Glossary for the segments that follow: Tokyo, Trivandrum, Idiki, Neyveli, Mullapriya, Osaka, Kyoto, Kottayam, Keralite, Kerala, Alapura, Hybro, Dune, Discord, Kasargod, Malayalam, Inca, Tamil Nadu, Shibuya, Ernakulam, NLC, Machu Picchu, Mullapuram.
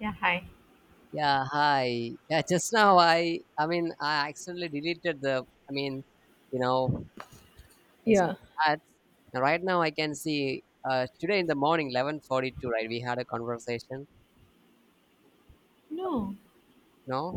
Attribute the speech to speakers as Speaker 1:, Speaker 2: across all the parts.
Speaker 1: Yeah, hi.
Speaker 2: Yeah, hi. Yeah, just now I accidentally deleted the I mean, you know, as
Speaker 1: Yeah.
Speaker 2: ads. And right now I can see today in the morning 11:42, right, we had a conversation.
Speaker 1: No,
Speaker 2: No?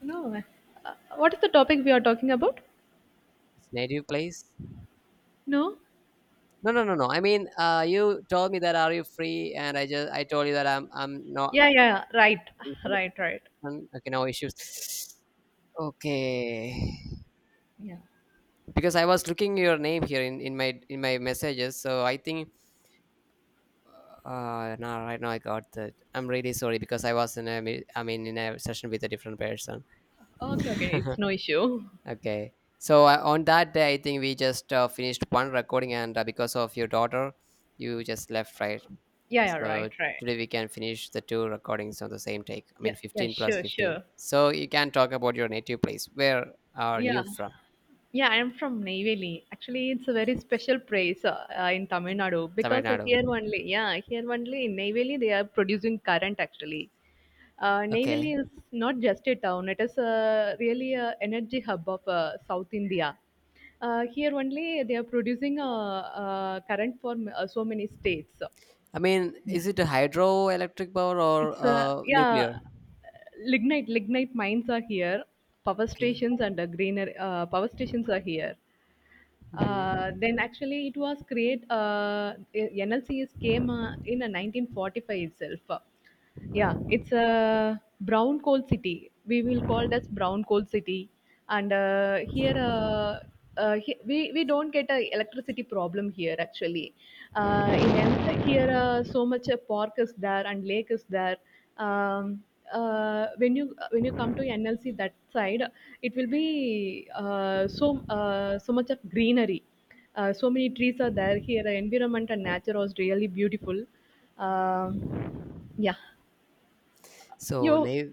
Speaker 1: no. What is the topic we are talking about?
Speaker 2: It's native place.
Speaker 1: No?
Speaker 2: No, no, no, no. I mean, you told me that are you free and I just I told you that I'm not
Speaker 1: Yeah, yeah, yeah, right.
Speaker 2: in
Speaker 1: Right, right.
Speaker 2: connection. Okay, no issues. Okay.
Speaker 1: Yeah.
Speaker 2: Because I was looking your name here in in my messages, so I think no, right now I got that. I'm really sorry because I was in a, me- I mean, in a session with a different person.
Speaker 1: Okay, okay. It's no issue.
Speaker 2: okay. So on that day, I think we just finished one recording, and because of your daughter, you just left, right?
Speaker 1: Yeah, yeah, right,
Speaker 2: So
Speaker 1: right.
Speaker 2: today we can finish the two recordings on the same take. I
Speaker 1: Yeah,
Speaker 2: mean,
Speaker 1: yeah,
Speaker 2: 15 plus
Speaker 1: sure,
Speaker 2: 15.
Speaker 1: sure.
Speaker 2: So you can talk about your native place. Where are
Speaker 1: Yeah.
Speaker 2: you from?
Speaker 1: Yeah, I'm from Neyveli. Actually, it's a very special place in Tamil Nadu
Speaker 2: Tamil
Speaker 1: because
Speaker 2: Nadu.
Speaker 1: here only, yeah, here only in Neyveli they are producing current actually. Neyveli
Speaker 2: Okay.
Speaker 1: is not just a town; it is a, really a energy hub of South India. Here only they are producing a, current for so many states.
Speaker 2: I mean, is
Speaker 1: Yeah.
Speaker 2: it a hydroelectric power or
Speaker 1: It's yeah,
Speaker 2: nuclear?
Speaker 1: lignite mines are here. Power
Speaker 2: Okay.
Speaker 1: stations and greener power stations are here.
Speaker 2: Mhm.
Speaker 1: Then actually it was create NLC is came in 1945 itself. Yeah, it's a brown coal city. We will call it as brown coal city. And here, we don't get a electricity problem here actually. Uh, in an, here, so much a park is there and lake is there. Um, when you come to NLC that side, it will be so much of greenery. So many trees are there here. The environment and nature was really beautiful. Um yeah.
Speaker 2: So
Speaker 1: You,
Speaker 2: now,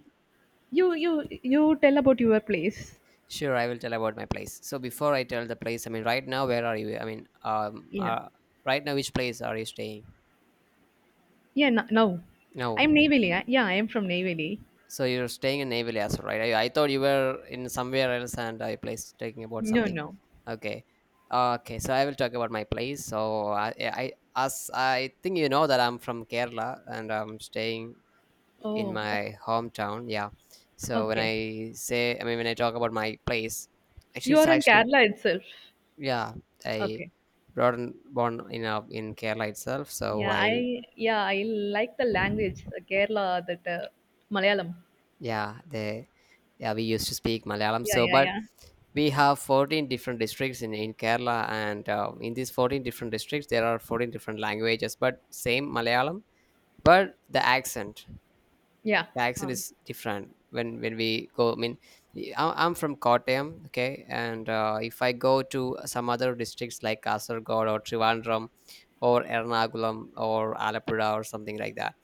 Speaker 1: you tell about your place.
Speaker 2: sure, I will tell about my place. So before I tell the place, I mean, right now, where are you? I mean, um,
Speaker 1: Yeah.
Speaker 2: uh, right now, which place are you staying?
Speaker 1: Yeah. No, no. I'm
Speaker 2: No.
Speaker 1: Neyveli. Yeah, I am from Neyveli.
Speaker 2: So you're staying in Naval Yasser, right? I thought you were in somewhere else and I place talking about
Speaker 1: No,
Speaker 2: something.
Speaker 1: no.
Speaker 2: Okay. Okay, so I will talk about my place. So I, as I think you know that I'm from Kerala and I'm staying in
Speaker 1: Oh, oh,
Speaker 2: my hometown. Yeah. So when
Speaker 1: okay.
Speaker 2: I say, I mean, when I talk about my place, actually,
Speaker 1: You
Speaker 2: it's
Speaker 1: are in
Speaker 2: actually
Speaker 1: Kerala itself.
Speaker 2: yeah, I
Speaker 1: Okay.
Speaker 2: brought in, born in Kerala itself, so I
Speaker 1: Yeah, I like the language, the Kerala, that Malayalam.
Speaker 2: yeah they yeah we used to speak Malayalam
Speaker 1: Yeah,
Speaker 2: so
Speaker 1: yeah,
Speaker 2: but
Speaker 1: yeah.
Speaker 2: we have 14 different districts in Kerala and in these 14 different districts there are 14 different languages but same Malayalam but the accent
Speaker 1: Yeah.
Speaker 2: the accent
Speaker 1: Uh,
Speaker 2: is different when we go, I mean I'm from Kottayam, okay, and if I go to some other districts like Kasargod or Trivandrum or Ernakulam or Alapura or something like that.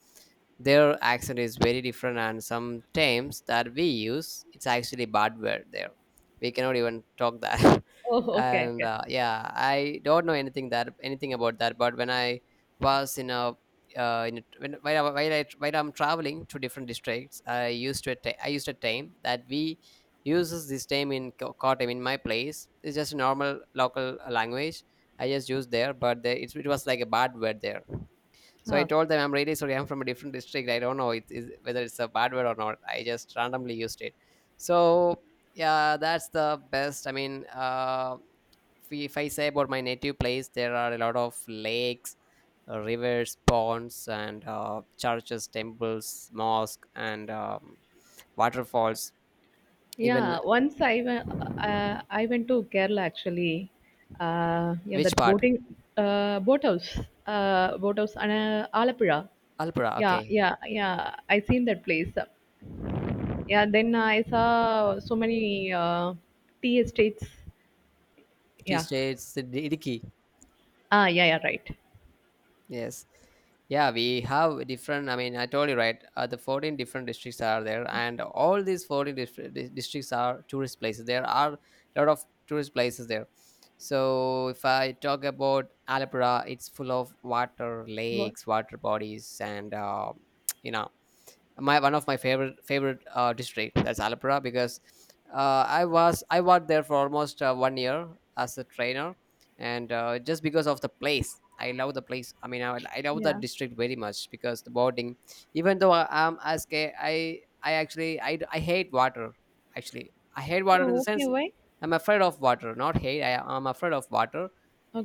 Speaker 2: Their accent is very different, and sometimes that we use, it's actually bad word there. We cannot even talk that.
Speaker 1: oh, okay,
Speaker 2: and
Speaker 1: okay.
Speaker 2: yeah, I don't know anything that anything about that. But when I was in a, when, while, I, while I while I'm traveling to different districts, I used a time that we uses this time in Kottayam in my place. It's just a normal local language. I just used there, but it was like a bad word there. So I
Speaker 1: Okay.
Speaker 2: told them I'm really sorry. I'm from a different district. I don't know it is whether it's a bad word or not. I just randomly used it. So yeah, that's the best. I mean, if I say about my native place, there are a lot of lakes, rivers, ponds, and churches, temples, mosque, and waterfalls. Even
Speaker 1: Yeah, once I went to Kerala actually. Yeah,
Speaker 2: which
Speaker 1: that
Speaker 2: part?
Speaker 1: boating, boathouse, and Alapura.
Speaker 2: Alpura.
Speaker 1: Yeah,
Speaker 2: Okay.
Speaker 1: yeah, yeah. I seen that place. Yeah, then I saw so many tea estates.
Speaker 2: Tea
Speaker 1: Yeah.
Speaker 2: states, Idiki.
Speaker 1: Ah, yeah, yeah, right.
Speaker 2: Yes. Yeah, we have different. I mean, I told you right. The 14 different districts are there, and all these 14 different districts are tourist places. There are a lot of tourist places there. So if I talk about Alapura, it's full of water,
Speaker 1: What?
Speaker 2: lakes, water bodies, and you know, my one of my favorite district, that's Alapura, because I worked there for almost 1 year as a trainer, and just because of the place, I love the place. I mean, I love that
Speaker 1: Yeah.
Speaker 2: district very much because the boarding. Even though I am as gay, I actually I hate water. Actually, I hate water in
Speaker 1: Oh,
Speaker 2: the
Speaker 1: okay.
Speaker 2: sense
Speaker 1: Why?
Speaker 2: I'm afraid of water, not hate. I'm afraid of water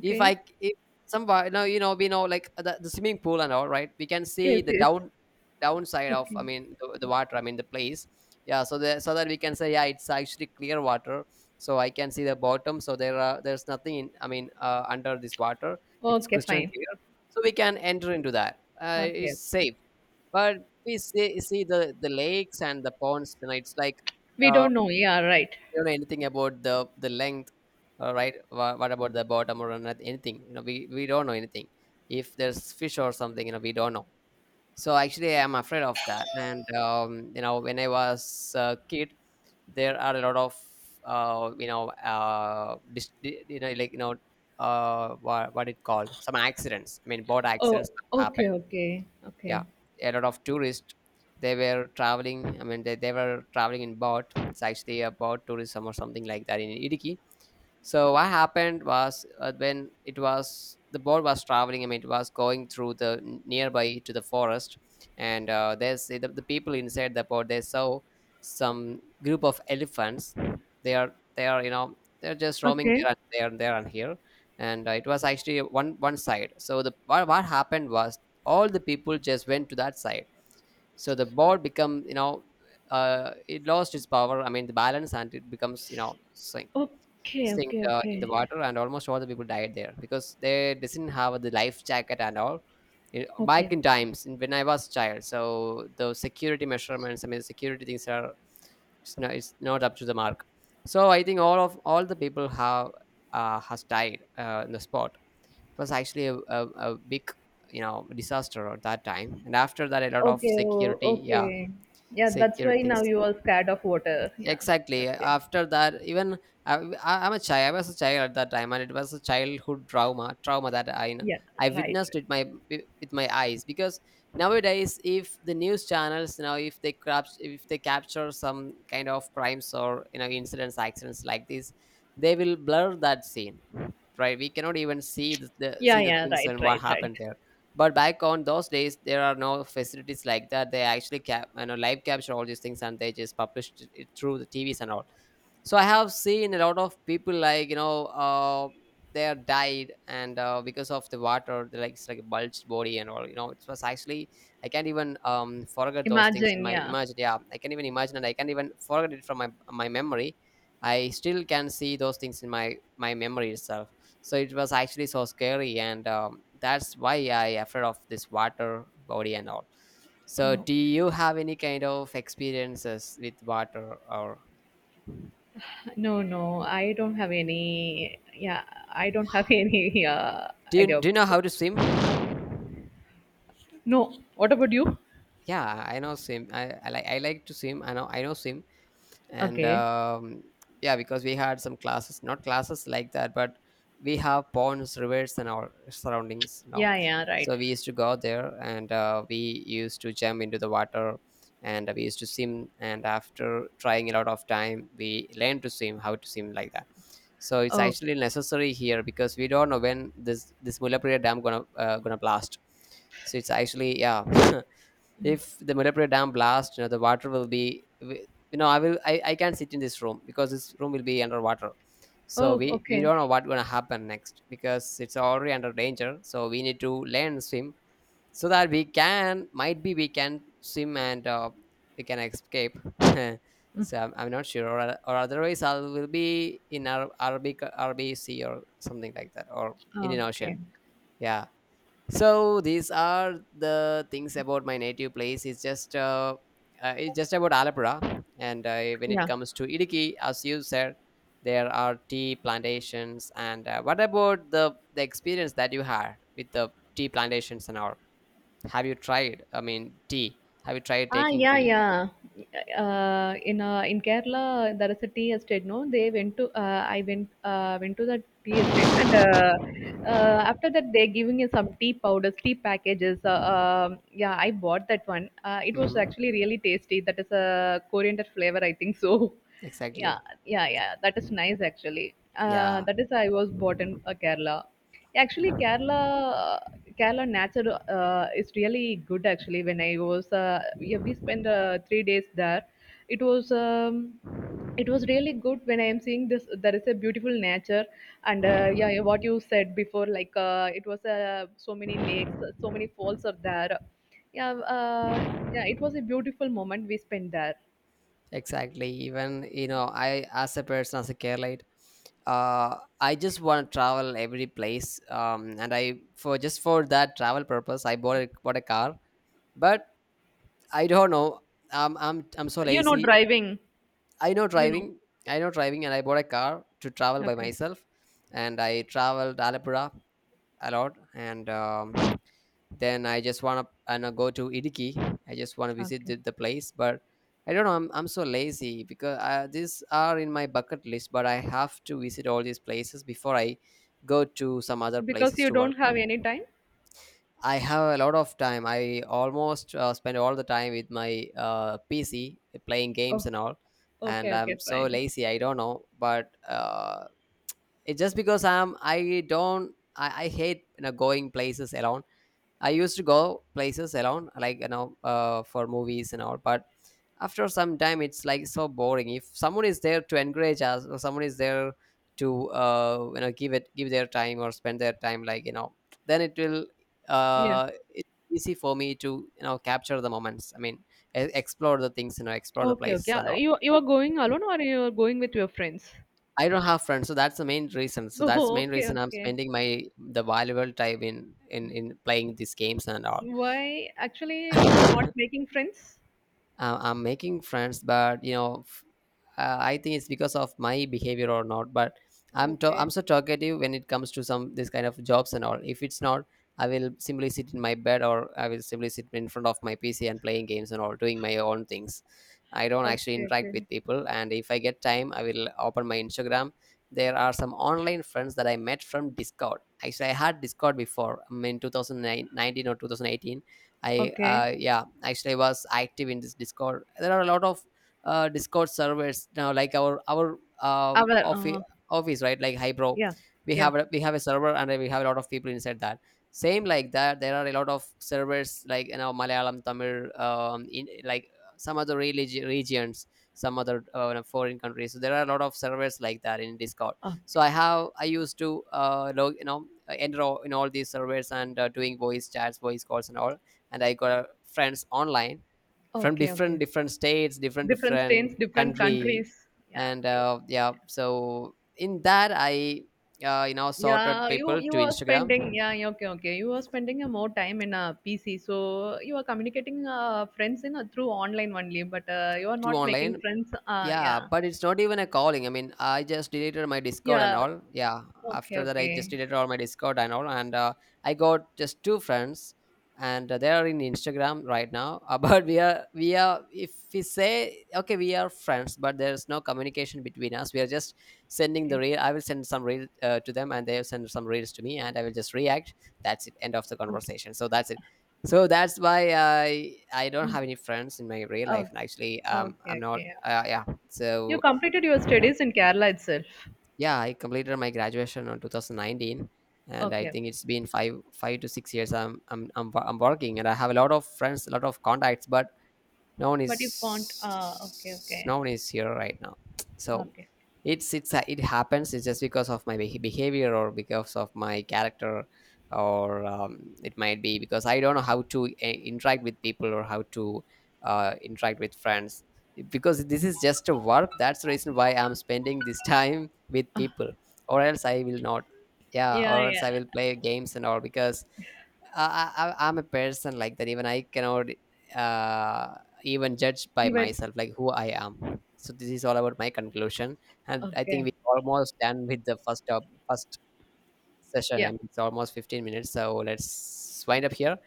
Speaker 2: if I if somebody now you know we know like the swimming pool and all, right, we can see
Speaker 1: Yes,
Speaker 2: the
Speaker 1: yes.
Speaker 2: downside of,
Speaker 1: Okay.
Speaker 2: I mean the water, I mean the place, yeah, so so that we can say yeah it's actually clear water, so I can see the bottom, so there's nothing in, I mean under this water, it's
Speaker 1: Okay,
Speaker 2: crystal
Speaker 1: fine.
Speaker 2: clear, so we can enter into that,
Speaker 1: Okay.
Speaker 2: it's safe, but we see the lakes and the ponds, you know, it's like
Speaker 1: We
Speaker 2: uh,
Speaker 1: don't know. Yeah, right.
Speaker 2: don't know anything about the length, right? What about the bottom or not anything? You know, we don't know anything. If there's fish or something, you know, we don't know. So actually, I'm afraid of that. And you know, when I was a kid, there are a lot of you know, dis- di- you know, like you know, what it called some accidents. I mean, boat
Speaker 1: Oh,
Speaker 2: accidents happen,
Speaker 1: okay, okay,
Speaker 2: yeah,
Speaker 1: okay.
Speaker 2: a lot of tourists, they were traveling, I mean, they were traveling in boat, it's actually a boat tourism or something like that in Idiki. So what happened was when it was the boat was traveling. I mean, it was going through the nearby to the forest, and there's the people inside the boat. They saw some group of elephants. They are you know they're just roaming
Speaker 1: Okay.
Speaker 2: there and there and there and here, and it was actually one one side. So the what happened was all the people just went to that side. So the boat become you know it lost its power. I mean the balance and it becomes you know sink
Speaker 1: Okay,
Speaker 2: in
Speaker 1: okay,
Speaker 2: the
Speaker 1: okay.
Speaker 2: water and almost all the people died there because they didn't have the life jacket and all. You know, back
Speaker 1: Okay.
Speaker 2: in times when I was child, so the security measurements, I mean security things are it's not up to the mark, so I think all the people have has died in the spot. It was actually a big, you know, disaster at that time, and after that a lot of
Speaker 1: Okay, oh,
Speaker 2: security, yeah,
Speaker 1: okay. Yeah, that's
Speaker 2: security
Speaker 1: why now
Speaker 2: things
Speaker 1: you are scared of water. Yeah,
Speaker 2: exactly
Speaker 1: okay.
Speaker 2: after that even I, I was a child at that time and it was a childhood trauma that I
Speaker 1: Yeah, right,
Speaker 2: witnessed
Speaker 1: right.
Speaker 2: with my eyes because nowadays if the news channels, you know, if they capture some kind of crimes or you know incidents accidents like this, they will blur that scene, right, we cannot even see the
Speaker 1: Yeah,
Speaker 2: see the
Speaker 1: yeah,
Speaker 2: things
Speaker 1: right,
Speaker 2: and what
Speaker 1: right,
Speaker 2: happened
Speaker 1: right.
Speaker 2: there, but back on those days, there are no facilities like that. They actually you know, live capture all these things and they just published it through the TVs and all, so I have seen a lot of people like you know they are died and because of the water they like it's like a bulged body and all, you know, it was actually, I can't even forget those things in
Speaker 1: Imagine,
Speaker 2: my
Speaker 1: yeah.
Speaker 2: imagine, yeah, I can't even imagine and I can't even forget it from my memory. I still can see those things in my memory itself. So it was actually so scary and that's why I afraid of this water body and all. So
Speaker 1: Oh,
Speaker 2: do you have any kind of experiences with water or
Speaker 1: no, no, I don't have any. Yeah, I don't have any
Speaker 2: do you
Speaker 1: idea.
Speaker 2: do you know how to swim?
Speaker 1: No. What about you?
Speaker 2: Yeah, I know swim. I like to swim. I know swim. And
Speaker 1: Okay.
Speaker 2: yeah because we had some classes, not classes like that, but we have ponds, rivers and our surroundings, you know,
Speaker 1: Yeah, yeah,
Speaker 2: so
Speaker 1: right.
Speaker 2: we used to go there and we used to jump into the water and we used to swim, and after trying a lot of time we learned to swim, how to swim, like that. So it's
Speaker 1: Oh,
Speaker 2: actually necessary here because we don't know when this Mullapriya dam gonna gonna blast, so it's actually yeah. if the Mullapuram dam blast, you know, the water will be, you know, I will, I can't sit in this room because this room will be underwater. So
Speaker 1: oh,
Speaker 2: we
Speaker 1: okay.
Speaker 2: don't know what's going to happen next because it's already under danger. So we need to learn to swim so that we can, might be we can swim and we can escape.
Speaker 1: Mm,
Speaker 2: so I'm not sure. Or otherwise I will be in Arabic Sea or something like that or Indian Ocean.
Speaker 1: okay.
Speaker 2: Yeah. So these are the things about my native place. It's just about Alapura, and when it
Speaker 1: Yeah.
Speaker 2: comes to Idiki, as you said, there are tea plantations. And what about the experience that you had with the tea plantations and all? Have you tried? I mean, tea. Have you tried
Speaker 1: Ah,
Speaker 2: taking
Speaker 1: yeah,
Speaker 2: tea?
Speaker 1: yeah. In Kerala, there is a tea estate. No, they went to. I went went to the tea estate, and after that, they're giving us some tea powders, tea packages. Yeah, I bought that one. It was
Speaker 2: Hmm.
Speaker 1: actually really tasty. That is a coriander flavor, I think so. Yeah,
Speaker 2: Exactly.
Speaker 1: yeah, yeah. That is nice actually.
Speaker 2: Yeah.
Speaker 1: That is I was bought in Kerala. Actually,
Speaker 2: Mm.
Speaker 1: Kerala, Kerala nature is really good. Actually, when I was yeah, we spent three days there. It was um, it was really good when I am seeing this. There is a beautiful nature, and yeah, yeah, what you said before, like it was so many lakes, so many falls are there. Yeah, uh, yeah, it was a beautiful moment we spent there.
Speaker 2: Exactly. Even you know, I as a person as a Keralite, I just want to travel every place. And I for just for that travel purpose, I bought a car. But I don't know. I'm so
Speaker 1: You know,
Speaker 2: lazy.
Speaker 1: driving,
Speaker 2: I know
Speaker 1: you know.
Speaker 2: driving. I know driving, and I bought a car to travel by
Speaker 1: Okay.
Speaker 2: myself. And I traveled Alapura a lot, and then I just wanna and I go to Idiki. I just wanna visit
Speaker 1: Okay.
Speaker 2: the place, but I don't know. I'm so lazy because these are in my bucket list, but I have to visit all these places before I go to some other
Speaker 1: Because
Speaker 2: places
Speaker 1: you
Speaker 2: to
Speaker 1: don't
Speaker 2: work.
Speaker 1: have any time?
Speaker 2: I have a lot of time. I almost spend all the time with my PC playing games
Speaker 1: Oh,
Speaker 2: and all, and
Speaker 1: okay, okay,
Speaker 2: I'm so
Speaker 1: fine.
Speaker 2: lazy. I don't know, but it's just because I'm I don't I hate you know, going places alone. I used to go places alone, like you know, for movies and all. But after some time, it's like so boring. If someone is there to encourage us, or someone is there to you know give their time or spend their time, like you know, then
Speaker 1: Yeah.
Speaker 2: it's easy for me to you know capture the moments. I mean, explore the things, you know, explore the
Speaker 1: Okay, okay.
Speaker 2: places and all.
Speaker 1: You, you are going alone or you are going with your friends?
Speaker 2: I don't have friends, so that's the main reason. So that's the
Speaker 1: Oh,
Speaker 2: main
Speaker 1: okay,
Speaker 2: reason I'm
Speaker 1: okay.
Speaker 2: spending my the valuable time in in playing these games and all.
Speaker 1: Why actually you are not making friends?
Speaker 2: I'm making friends but you know I think it's because of my behavior or not, but I'm
Speaker 1: Okay.
Speaker 2: so talkative when it comes to some this kind of jobs and all. If it's not, I will simply sit in my bed, or I will simply sit in front of my PC and playing games and all, doing my own things. I don't actually
Speaker 1: Okay,
Speaker 2: interact
Speaker 1: okay.
Speaker 2: with people, and if I get time, I will open my Instagram. There are some online friends that I met from Discord. Actually, I had Discord before, I mean 2019 or 2018. I
Speaker 1: Okay.
Speaker 2: yeah, actually I was active in this Discord. There are a lot of Discord servers now, like our
Speaker 1: Our
Speaker 2: office office right, like Hybro.
Speaker 1: yeah,
Speaker 2: We
Speaker 1: yeah.
Speaker 2: have a server, and we have a lot of people inside that. Same like that, there are a lot of servers like you know Malayalam, Tamil, in like some other regions, some other foreign countries. So there are a lot of servers like that in Discord. So
Speaker 1: Okay.
Speaker 2: I used to log you know enter all, in all these servers, and doing voice chats, voice calls, and all, and I got a friends online from
Speaker 1: Okay,
Speaker 2: different
Speaker 1: okay.
Speaker 2: different states, different
Speaker 1: Different states,
Speaker 2: different
Speaker 1: different
Speaker 2: country,
Speaker 1: countries. Yeah,
Speaker 2: and
Speaker 1: okay.
Speaker 2: yeah, so in that I you know sorted
Speaker 1: Yeah, you
Speaker 2: people to
Speaker 1: you are
Speaker 2: Instagram
Speaker 1: spending yeah, yeah, okay, okay, you are spending more time in a PC, so you are communicating friends in through online only, but you are
Speaker 2: to
Speaker 1: not making
Speaker 2: online.
Speaker 1: friends,
Speaker 2: Yeah,
Speaker 1: yeah,
Speaker 2: but it's not even a calling. I mean, I just deleted my Discord and
Speaker 1: yeah,
Speaker 2: all. Yeah,
Speaker 1: okay,
Speaker 2: after that, I just
Speaker 1: okay,
Speaker 2: deleted all my Discord and all, and I got just two friends, and they are in Instagram right now. But we are if we say okay, we are friends, but there's no communication between us. We are just sending the
Speaker 1: okay,
Speaker 2: reel. I will send some reel to them, and they will send some reels to me, and I will just react. That's it. End of the
Speaker 1: okay.
Speaker 2: conversation. So that's it. So that's why I don't
Speaker 1: Mm.
Speaker 2: have any friends in my real life.
Speaker 1: Oh,
Speaker 2: And actually, I'm
Speaker 1: okay,
Speaker 2: not.
Speaker 1: okay,
Speaker 2: Yeah,
Speaker 1: you
Speaker 2: so
Speaker 1: completed your studies in Kerala itself.
Speaker 2: yeah, I completed my graduation on 2019, and I
Speaker 1: Okay,
Speaker 2: think
Speaker 1: okay,
Speaker 2: it's been five to six years. I'm working, and I have a lot of friends, a lot of contacts, but no one
Speaker 1: but you can't okay,
Speaker 2: is
Speaker 1: okay,
Speaker 2: no one is here right now. So
Speaker 1: okay,
Speaker 2: it's it happens. It's just because of my behavior or because of my character, or it might be because I don't know how to interact with people, or how to interact with friends, because this is just a work. That's the reason why I'm spending this time with people. Or else I will not. Yeah,
Speaker 1: yeah,
Speaker 2: or else
Speaker 1: yeah,
Speaker 2: I will play games and all, because I, am a person like that. Even I cannot uh, even judge by
Speaker 1: even
Speaker 2: myself, like who I am. So this is all about my conclusion, and
Speaker 1: okay,
Speaker 2: I think
Speaker 1: okay,
Speaker 2: we almost done with the first session. I
Speaker 1: yeah,
Speaker 2: mean, it's almost 15 minutes. So let's wind up here,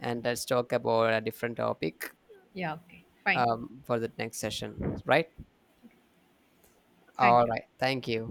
Speaker 2: and let's talk about a different topic
Speaker 1: yeah, okay, fine,
Speaker 2: for the next session. Right?
Speaker 1: thank
Speaker 2: All
Speaker 1: you.
Speaker 2: right. Thank you.